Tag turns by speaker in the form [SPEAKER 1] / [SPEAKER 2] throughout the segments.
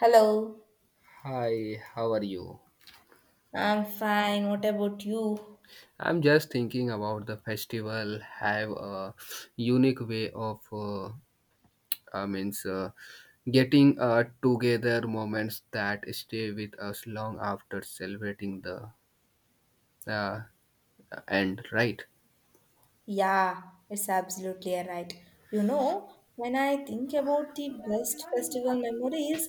[SPEAKER 1] Hello.
[SPEAKER 2] Hi, how are you?
[SPEAKER 1] I'm fine. What about you?
[SPEAKER 2] I'm just thinking about the festival have a unique way of I means getting together moments that stay with us long after celebrating the uh, end, right?
[SPEAKER 1] Yeah, it's absolutely a right. You know, when I think about the best festival memories,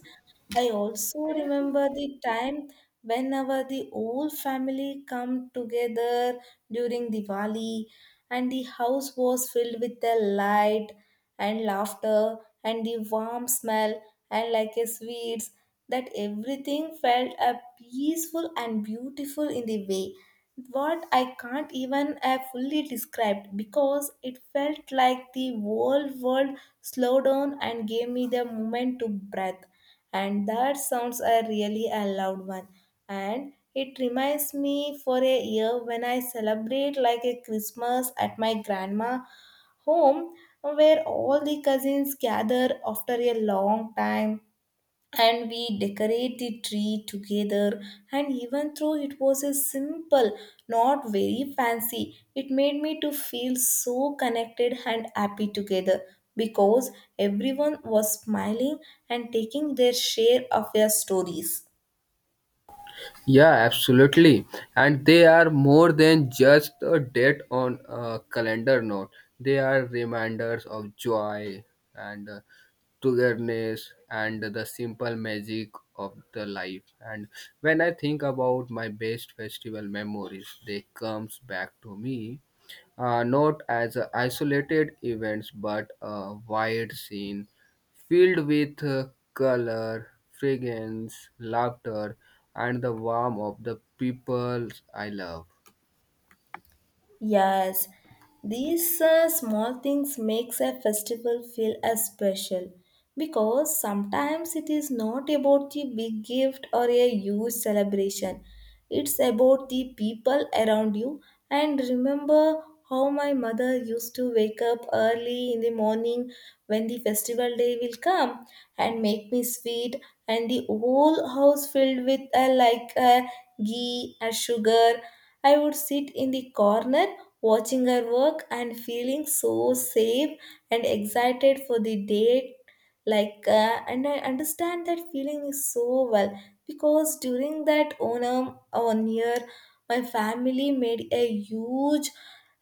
[SPEAKER 1] I also remember the time whenever the whole family come together during Diwali, and the house was filled with the light and laughter and the warm smell and like a sweets, that everything felt peaceful and beautiful in the way what I can't even fully describe, because it felt like the whole world slowed down and gave me the moment to breathe. And that sounds a really a loud one. And it reminds me for a year when I celebrate like a Christmas at my grandma home, where all the cousins gather after a long time and we decorate the tree together, and even though it was a simple, not very fancy, it made me to feel so connected and happy together because everyone was smiling and taking their share of their stories.
[SPEAKER 2] Yeah, absolutely. And they are more than just a date on a calendar note. They are reminders of joy and togetherness and the simple magic of the life, and when I think about my best festival memories they comes back to me not as a isolated events but a wide scene filled with color, fragrance, laughter, and the warmth of the people I love.
[SPEAKER 1] Yes, these small things makes a festival feel as special, because sometimes it is not about the big gift or a huge celebration. It's about the people around you. And remember how my mother used to wake up early in the morning when the festival day will come and make me sweet, and the whole house filled with a like a ghee, a sugar. I would sit in the corner watching her work and feeling so safe and excited for the day, like and I understand that feeling is so well, because during that Onam one year, my family made a huge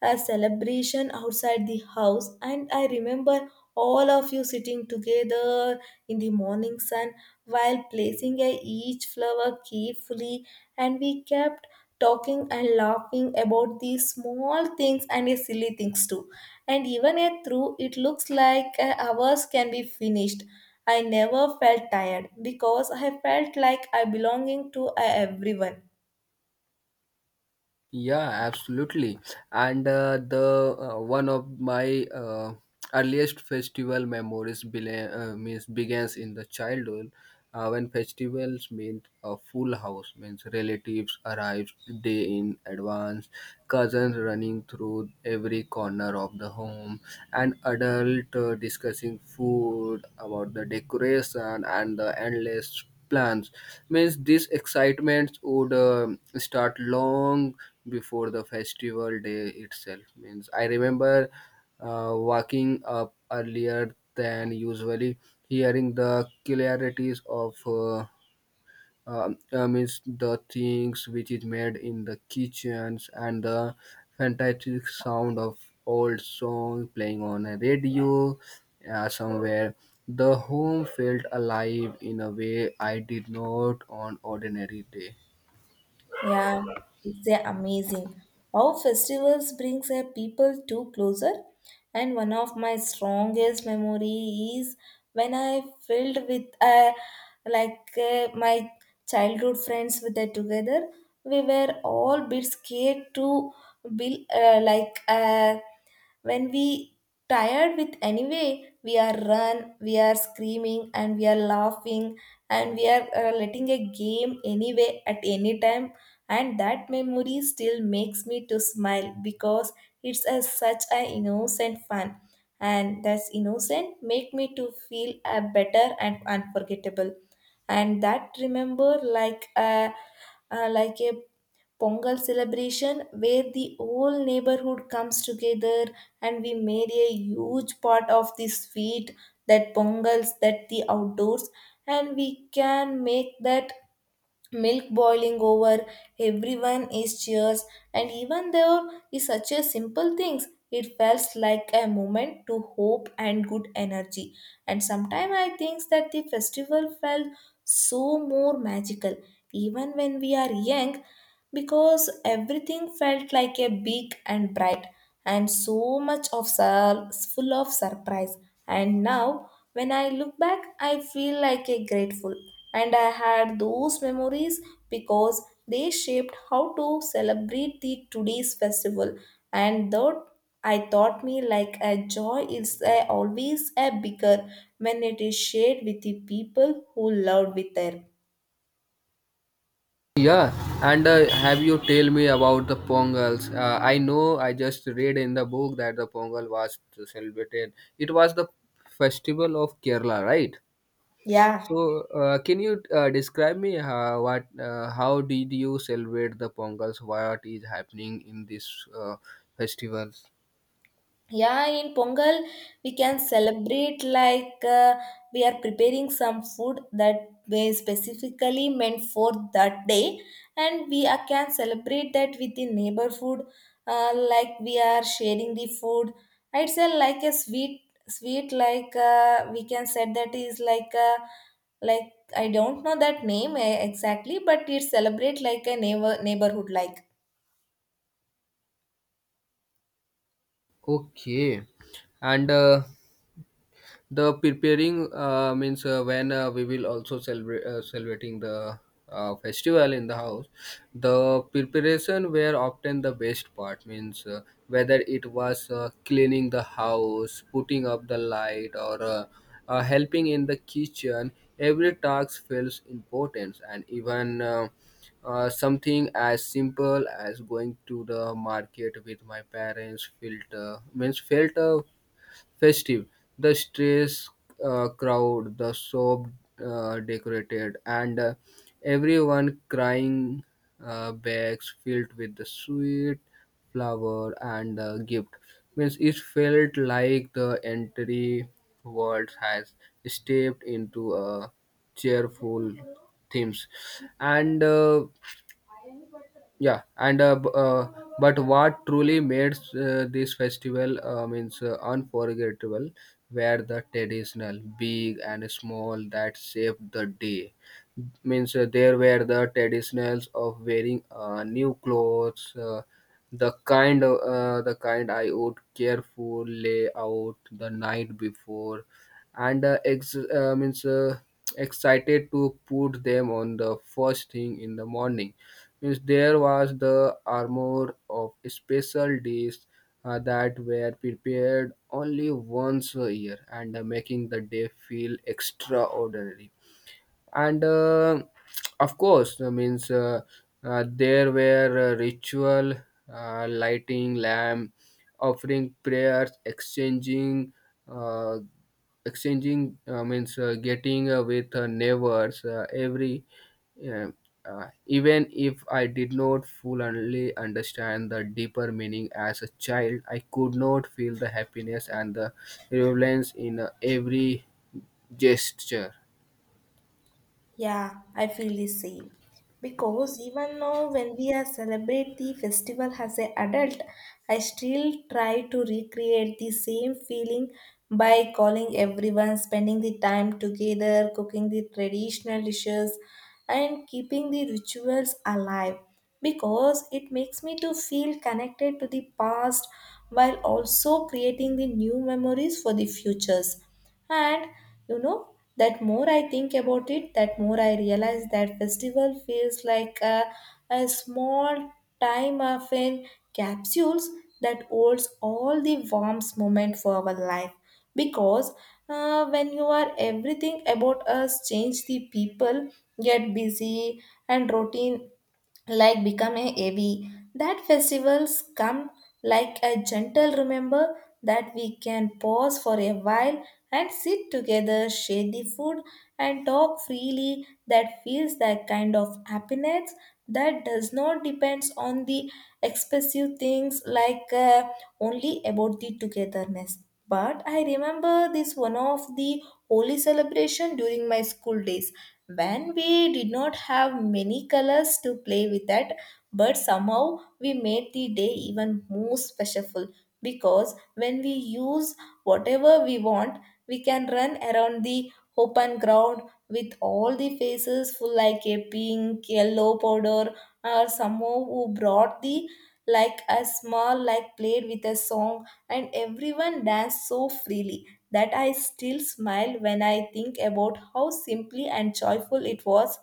[SPEAKER 1] celebration outside the house, and I remember all of you sitting together in the morning sun while placing a each flower carefully, and we kept talking and laughing about these small things and the silly things too. And even a through, it looks like hours can be finished. I never felt tired because I felt like I belonging to everyone.
[SPEAKER 2] Yeah, absolutely. And the One of my earliest festival memories means begins in the childhood when festivals meant a full house, means relatives arrived day in advance, cousins running through every corner of the home, and adult discussing food about the decoration and the endless plans, means this excitement would start long before the festival day itself, means I remember waking up earlier than usually, hearing the clarities of means the things which is made in the kitchens and the fantastic sound of old song playing on a radio somewhere. The home felt alive in a way I did not on ordinary day.
[SPEAKER 1] Yeah, it's a amazing. How festivals brings a people too closer. And one of my strongest memory is when I filled with like my childhood friends with that together. We were all bit scared to be like when we tired with anyway we are run, we are screaming and we are laughing, and we are letting a game anyway at any time, and that memory still makes me to smile because it's a, such an innocent fun, and that's innocent make me to feel a better and unforgettable, and that remember like a Pongal celebration where the whole neighborhood comes together, and we made a huge part of the sweet that Pongals that the outdoors, and we can make that milk boiling over, everyone is cheers, and even though is such a simple things, it felt like a moment to hope and good energy. And sometimes I think that the festival felt so more magical even when we are young, because everything felt like a big and bright and so much of full of surprise. And now when I look back I feel like a grateful, and I had those memories because they shaped how to celebrate the today's festival, and though I taught me like a joy is a, always a bigger when it is shared with the people who loved with her.
[SPEAKER 2] Yeah, and have you tell me about the pongals? I know I just read in the book that the pongal was celebrated, it was the festival of kerala, right?
[SPEAKER 1] Yeah.
[SPEAKER 2] So, can you describe me what how did you celebrate the Pongals? What is happening in this uh, festivals?
[SPEAKER 1] Yeah, in Pongal, we can celebrate like we are preparing some food that is specifically meant for that day, and we can celebrate that with the neighborhood, like we are sharing the food. It's a, like a sweet, sweet like we can say that is like a like I don't know that name exactly, but it celebrate like a neighborhood like
[SPEAKER 2] Okay, and the preparing means when we will also celebrate celebrating the festival in the house, the preparation were often the best part, means whether it was cleaning the house, putting up the light, or helping in the kitchen, every task feels important, and even something as simple as going to the market with my parents felt means felt festive. The streets crowd, the soap decorated, and everyone crying bags filled with the sweet flower and gift. Means it felt like the entire world has stepped into a cheerful themes. And. Yeah and b- But what truly made this festival means unforgettable were the traditional big and small that shaped the day, means there were the traditionals of wearing new clothes, the kind of, the kind I would careful lay out the night before, and ex- means excited to put them on the first thing in the morning, means there was the armor of special days that were prepared only once a year, and making the day feel extraordinary, and of course means there were ritual lighting lamp, offering prayers, exchanging uh, exchanging means getting with neighbors every. uh, even if I did not fully understand the deeper meaning as a child, I could not feel the happiness and the relevance in every gesture.
[SPEAKER 1] Yeah, I feel the same. Because even now, when we are celebrate the festival as an adult, I still try to recreate the same feeling by calling everyone, spending the time together, cooking the traditional dishes, and keeping the rituals alive. Because it makes me to feel connected to the past while also creating the new memories for the futures. And that more I think about it, that more I realize that festival feels like a small time of in capsules that holds all the warmth moment for our life. Because when you are everything about us change, the people get busy, and routine like becoming heavy. That festivals come like a gentle remember that we can pause for a while and sit together, share the food, and talk freely. That feels that kind of happiness that does not depends on the expensive things, like only about the togetherness. But I remember this one of the holy celebration during my school days when we did not have many colors to play with that, but somehow we made the day even more special, because when we use whatever we want. We can run around the open ground with all the faces full like a pink, yellow powder, or someone who brought the like a small like played with a song, and everyone danced so freely that I still smile when I think about how simply and joyful it was.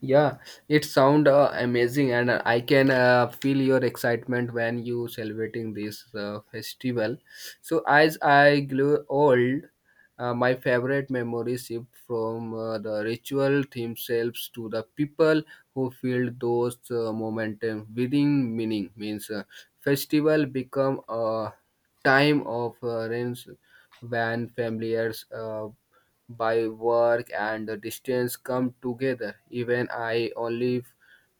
[SPEAKER 2] Yeah, it sound amazing, and I can feel your excitement when you celebrating this festival. So as I grew old, my favorite memories shift from the ritual themselves to the people who filled those momentum within meaning. Means festival become a time of rents when familiars. By work and the distance come together. Even I only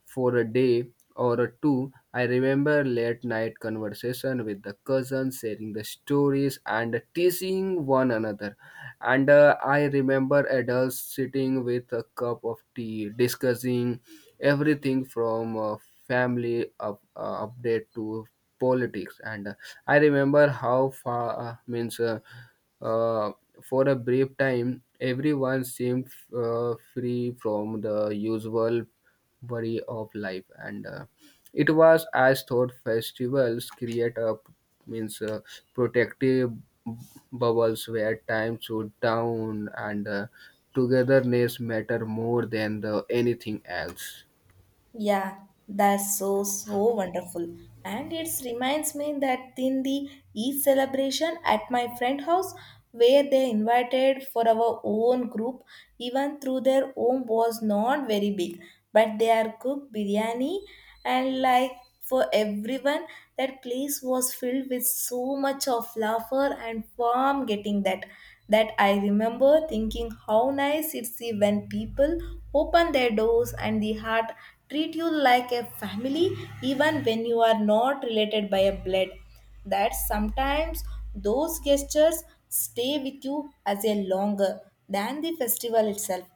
[SPEAKER 2] for a day or a two, I remember late night conversation with the cousins, sharing the stories and teasing one another. And I remember adults sitting with a cup of tea, discussing everything from family up, update to politics. And I remember how far means. Uh, for a brief time, everyone seemed free from the usual worry of life, and it was as though festivals create a, means protective bubbles where time should down and togetherness matter more than the anything else.
[SPEAKER 1] Yeah, that's so so wonderful. And it reminds me that in the Eid celebration at my friend house where they invited for our own group, even through their own was not very big, but they are cooked biryani and like for everyone, that place was filled with so much of laughter and warm getting that I remember thinking how nice it's when people open their doors and the heart, treat you like a family even when you are not related by a blood, that sometimes those gestures stay with you as a longer than the festival itself,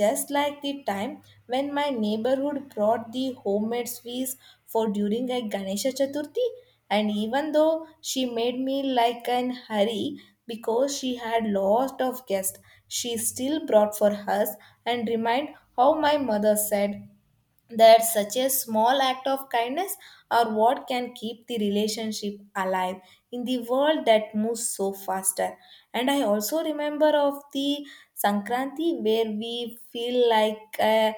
[SPEAKER 1] just like the time when my neighborhood brought the homemade sweets for during a Ganesha Chaturthi, and even though she made me like an hurry because she had lots of guests, she still brought for us, and remind how my mother said that such a small act of kindness are what can keep the relationship alive in the world that moves so faster. And I also remember of the Sankranti, where we feel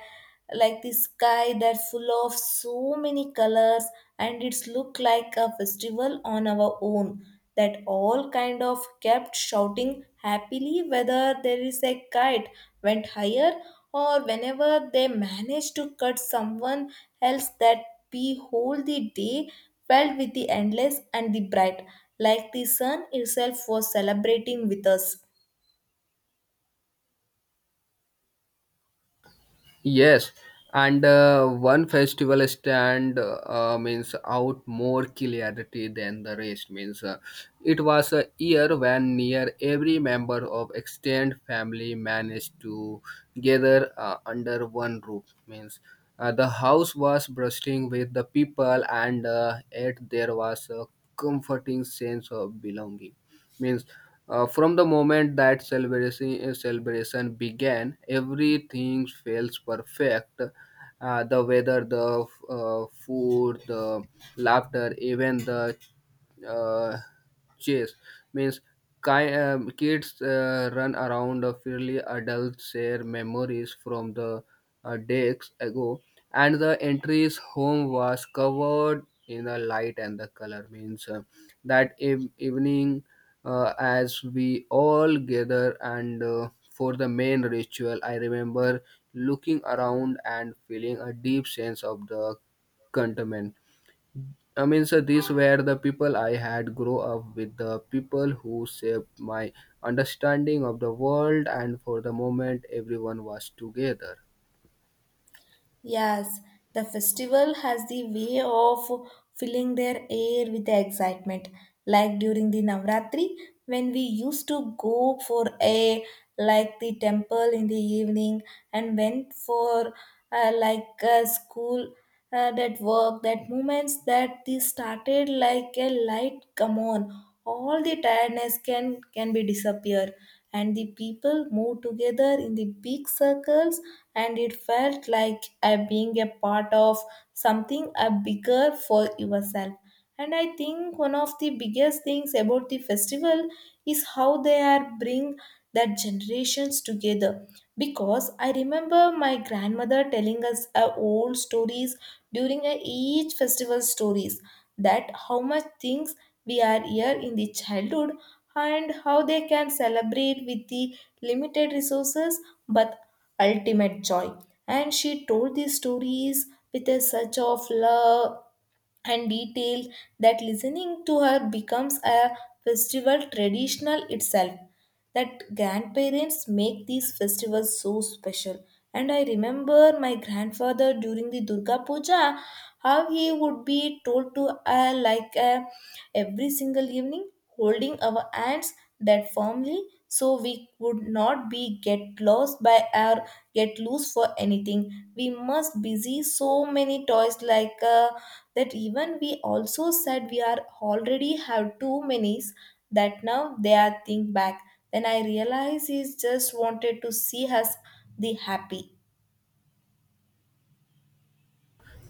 [SPEAKER 1] like the sky that full of so many colors, and it's look like a festival on our own, that all kind of kept shouting happily whether there is a kite went higher, or whenever they manage to cut someone else, that behold the day felt with the endless and the bright, like the sun itself was celebrating with us.
[SPEAKER 2] Yes, and one festival stand means out more clarity than the rest. Means it was a year when near every member of extended family managed to gather under one roof. Means the house was bursting with the people, and yet there was a comforting sense of belonging, means from the moment that celebration began everything feels perfect, the weather, the food, the laughter, even the uh, chase, means kids run around freely, adults share memories from the days ago, and the entry's home was covered in the light and the color. Means evening, as we all gather and for the main ritual, I remember looking around and feeling a deep sense of the contentment. I mean, so these were the people I had grow up with, the people who shaped my understanding of the world, and for the moment, everyone was together.
[SPEAKER 1] Yes, the festival has the way of filling their air with the excitement, like during the Navratri, when we used to go for a like the temple in the evening, and went for like a school that work, that moments that they started like a light come on, all the tiredness can be disappear, and the people moved together in the big circles, and it felt like being a part of something bigger for yourself. And I think one of the biggest things about the festival is how they are bring that generations together, because I remember my grandmother telling us old stories during a each festival, stories that how much things we are here in the childhood and how they can celebrate with the limited resources but ultimate joy. And she told these stories with a such of love and detail that listening to her becomes a festival traditional itself, that grandparents make these festivals so special. And I remember my grandfather during the Durga Puja, how he would be told to like every single evening, holding our hands that firmly, so we would not be get lost by our get loose for anything. We must busy so many toys like that. Even we also said we are already have too many, that now they are think back, then I realized he just wanted to see us the happy.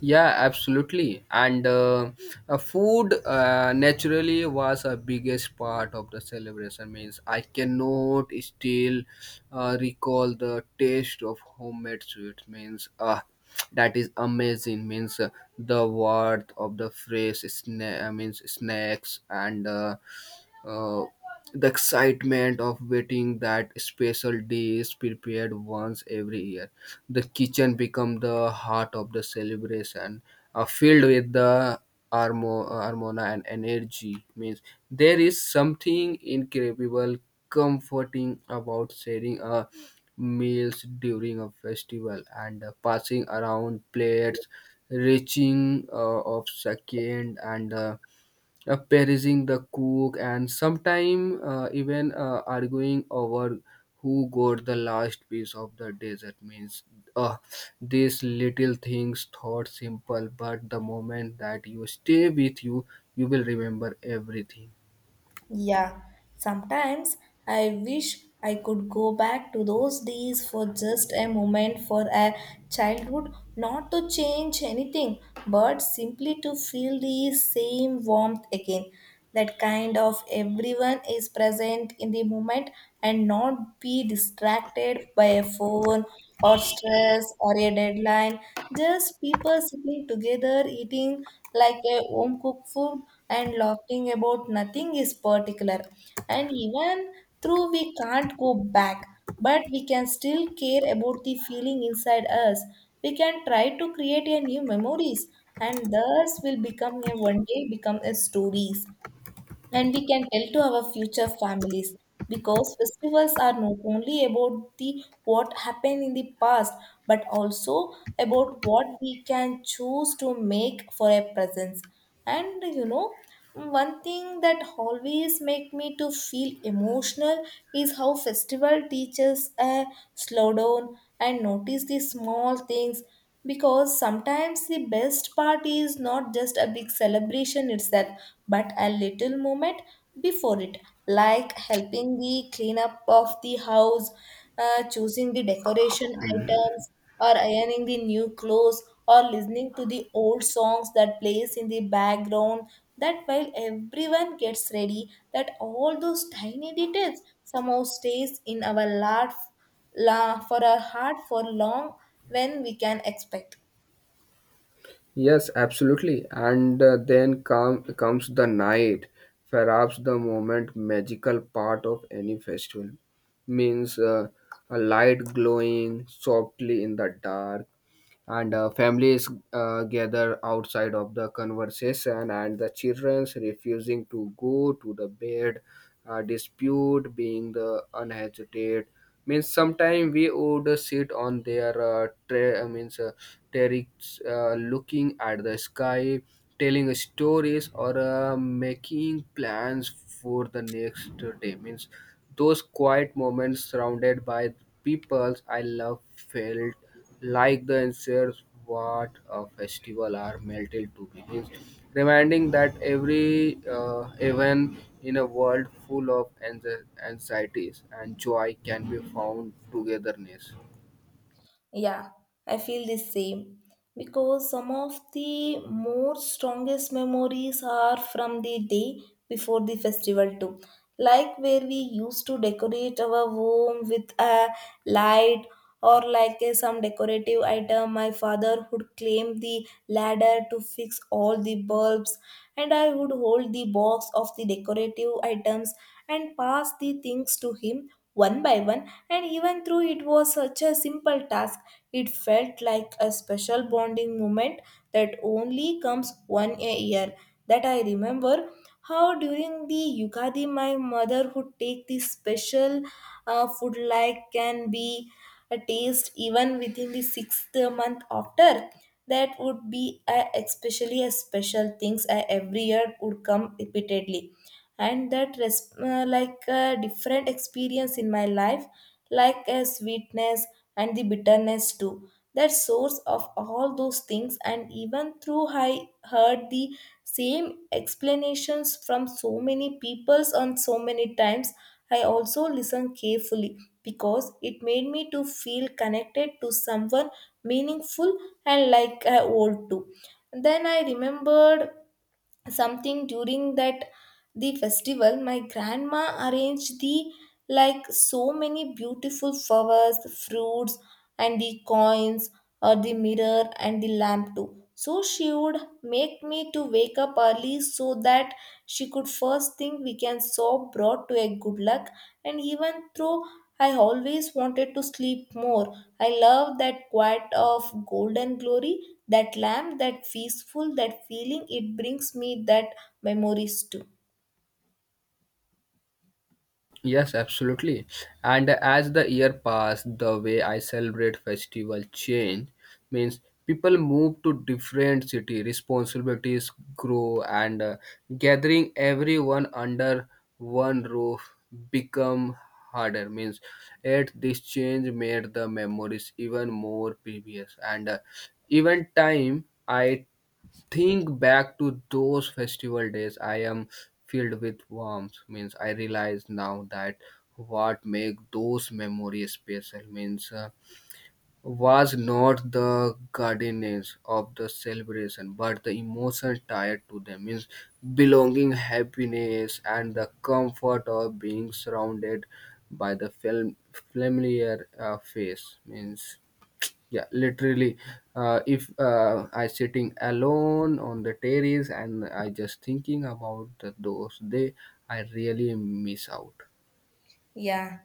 [SPEAKER 2] Yeah, absolutely. And food naturally was a biggest part of the celebration. Means I cannot still recall the taste of homemade sweets. Means ah, that is amazing. Means the worth of the fresh sna- means snacks and uh, the excitement of waiting that special day is prepared once every year. The kitchen becomes the heart of the celebration, filled with the armona and energy. Means there is something incredible, comforting about sharing a meals during a festival and passing around plates, reaching of second and praising the cook, and sometimes even arguing over who got the last piece of the dessert. Means uh, these little things, thought simple, but the moment that you stay with you, you will remember everything.
[SPEAKER 1] Yeah, sometimes I wish I could go back to those days for just a moment for a childhood, not to change anything, but simply to feel the same warmth again. That kind of everyone is present in the moment and not be distracted by a phone or stress or a deadline. Just people sitting together eating like a home cooked food and laughing about nothing is particular. And even though we can't go back, but we can still care about the feeling inside us. We can try to create a new memories and thus will become a one day become a stories and we can tell to our future families because festivals are not only about the what happened in the past but also about what we can choose to make for a presence. And one thing that always make me to feel emotional is how festival teaches a slow down and notice the small things, because sometimes the best part is not just a big celebration itself but a little moment before it, like helping the cleanup of the house, choosing the decoration items, or ironing the new clothes, or listening to the old songs that plays in the background that while everyone gets ready, that all those tiny details somehow stays in our life, la, for our heart for long when we can expect.
[SPEAKER 2] Yes, absolutely. And comes the night, perhaps the moment magical part of any festival. Means a light glowing softly in the dark, and families gather outside of the conversation, and the children's refusing to go to the bed dispute being the unhesitated, means sometimes we would sit on their tra- means terrace looking at the sky, telling stories or making plans for the next day, means those quiet moments surrounded by people I love felt like the ensures what a festival are melted to begins, reminding that every event in a world full of anxieties and joy can be found togetherness.
[SPEAKER 1] Yeah, I feel the same because some of the more strongest memories are from the day before the festival too. Like where we used to decorate our home with a light or like a, some decorative item. My father would climb the ladder to fix all the bulbs, and I would hold the box of the decorative items and pass the things to him one by one, and even though it was such a simple task, it felt like a special bonding moment that only comes one a year. That I remember how during the Yugadi, my mother would take this special food like can be a taste even within the sixth month after, that would be a, especially a special things every year would come repeatedly, and like a different experience in my life, like a sweetness and the bitterness too, that source of all those things. And even through I heard the same explanations from so many peoples on so many times, I also listened carefully because it made me to feel connected to someone meaningful and like I old too. Then I remembered something during that, the festival my grandma arranged the, like so many beautiful flowers, fruits and the coins or the mirror and the lamp too. So she would make me to wake up early so that she could first thing we can so brought to a good luck. And even though I always wanted to sleep more, I love that quiet of golden glory, that lamp, that peaceful, that feeling, it brings me that memories too.
[SPEAKER 2] Yes, absolutely. And as the year passed, the way I celebrate festival change, means people move to different city, responsibilities grow, and gathering everyone under one roof become harder. Means, yet this change made the memories even more previous, and even time I think back to those festival days I am filled with warmth, means I realize now that what make those memories special, means was not the guardians of the celebration but the emotion tied to them, means belonging, happiness, and the comfort of being surrounded by the film familiar face, means yeah literally if I sitting alone on the terrace and I just thinking about the, those day, I really miss out.
[SPEAKER 1] Yeah,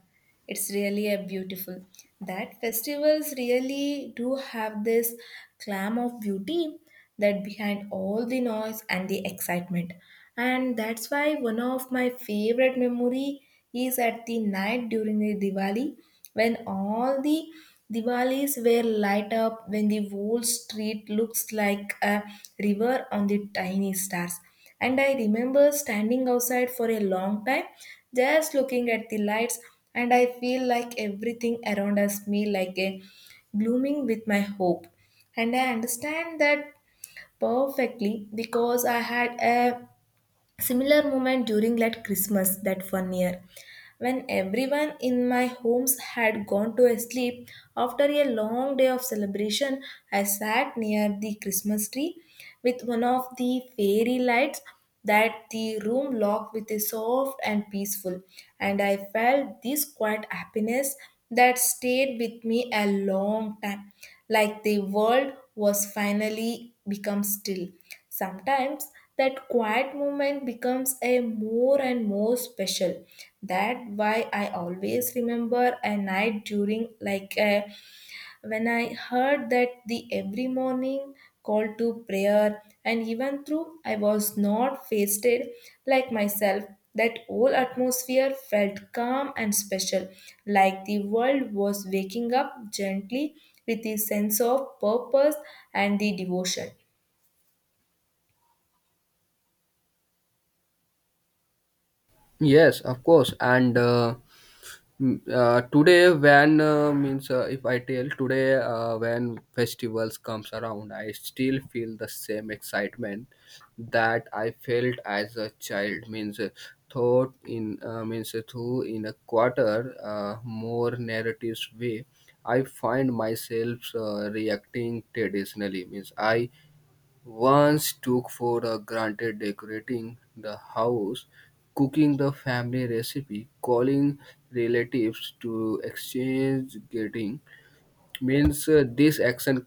[SPEAKER 1] it's really a beautiful. That festivals really do have this glam of beauty that behind all the noise and the excitement. And that's why one of my favorite memory is at the night during the Diwali, when all the Diwalis were light up, when the whole street looks like a river on the tiny stars. And I remember standing outside for a long time, just looking at the lights, and I feel like everything around us me like a blooming with my hope. And I understand that perfectly because I had a similar moment during that Christmas that one year, when everyone in my homes had gone to sleep after a long day of celebration, I sat near the Christmas tree with one of the fairy lights, that the room locked with a soft and peaceful, and I felt this quiet happiness that stayed with me a long time, like the world was finally become still. Sometimes that quiet moment becomes a more and more special. That why I always remember a night during like a, when I heard that the every morning call to prayer, and even through I was not fasted like myself, that whole atmosphere felt calm and special, like the world was waking up gently with a sense of purpose and the devotion.
[SPEAKER 2] Yes, of course. And today when means if I tell today when festivals comes around I still feel the same excitement that I felt as a child, means thought in means through in a quarter more narratives way, I find myself reacting traditionally, means I once took for a granted decorating the house, cooking the family recipe, calling relatives to exchange greetings. Means this action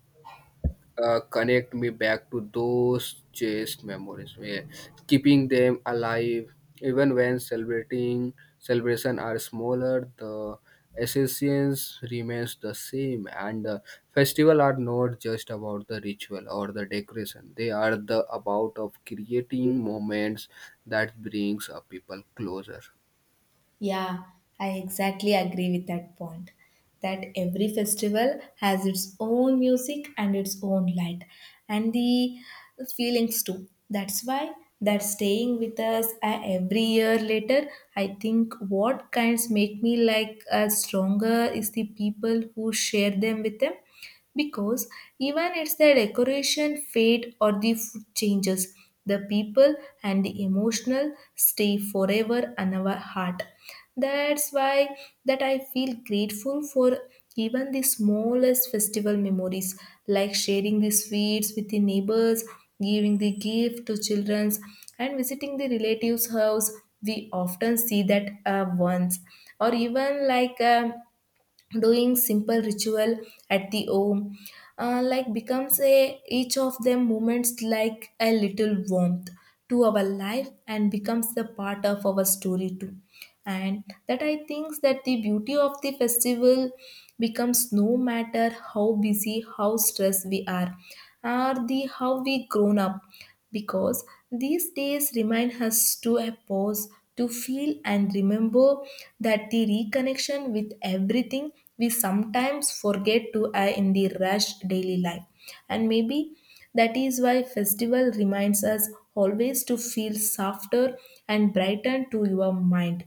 [SPEAKER 2] connect me back to those chase memories, yeah. Keeping them alive even when celebrating celebration are smaller. The essence remains the same, and the festival are not just about the ritual or the decoration. They are the about of creating moments that brings a people closer.
[SPEAKER 1] Yeah, I exactly agree with that point. That every festival has its own music and its own light and the feelings too. That's why that staying with us every year later. I think what kinds make me like stronger is the people who share them with them, because even it's the decoration fade or the food changes, the people and the emotional stay forever in our heart. That's why that I feel grateful for even the smallest festival memories, like sharing the sweets with the neighbors, giving the gift to children, and visiting the relatives house we often see that once, or even like doing simple ritual at the home, like becomes a each of them moments like a little warmth to our life, and becomes the part of our story too. And that I think that the beauty of the festival becomes, no matter how busy, how stressed we are, or the how we grown up, because these days remind us to a pause, to feel and remember, that the reconnection with everything we sometimes forget to in the rush daily life. And maybe that is why festival reminds us always to feel softer and brighten to your mind.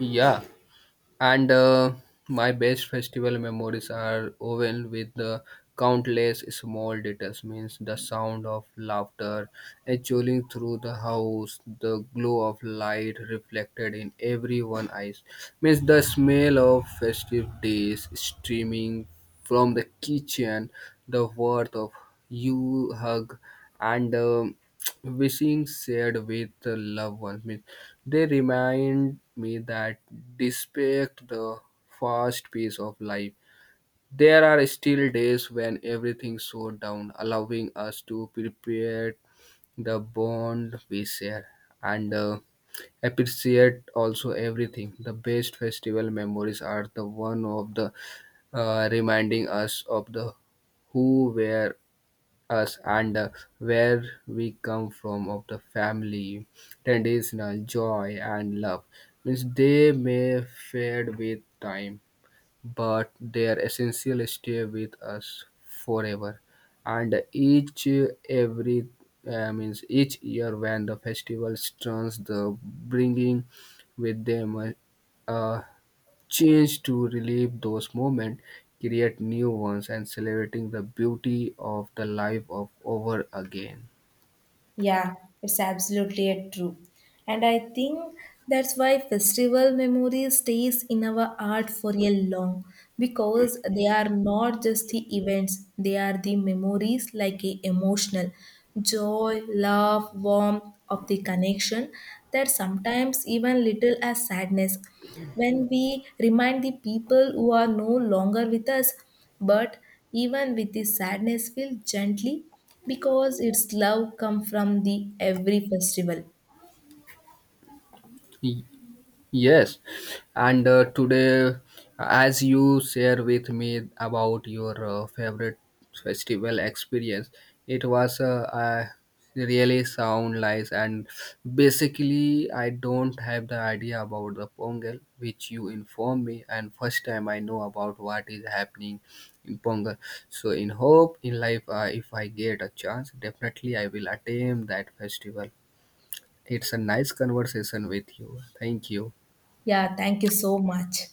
[SPEAKER 2] Yeah. And my best festival memories are woven with the countless small details, means the sound of laughter echoing through the house, the glow of light reflected in everyone's eyes, means the smell of festive days streaming from the kitchen, the worth of you hug, and wishing shared with the loved ones. Means they remind me that despite the fast pace of life, there are still days when everything slows down, allowing us to prepare the bond we share and appreciate also everything. The best festival memories are the one of the reminding us of the who were us, and where we come from, of the family traditional joy and love, means they may fade with time but their essential stay with us forever, and each every means each year when the festival turns the bringing with them a change to relive those moments, create new ones, and celebrating the beauty of the life of over again.
[SPEAKER 1] Yeah, it's absolutely a true. And I think that's why festival memory stays in our heart for a long, because they are not just the events, they are the memories like a emotional, joy, love, warmth of the connection, that sometimes even little as sadness when we remind the people who are no longer with us, but even with the sadness, feel gently because its love comes from the every festival.
[SPEAKER 2] Yes, and today, as you share with me about your favorite festival experience, it was really sound nice. And basically, I don't have the idea about the Pongal, which you inform me, and first time I know about what is happening in Pongal. So, in hope in life, if I get a chance, definitely I will attain that festival. It's a nice conversation with you. Thank you.
[SPEAKER 1] Yeah, thank you so much.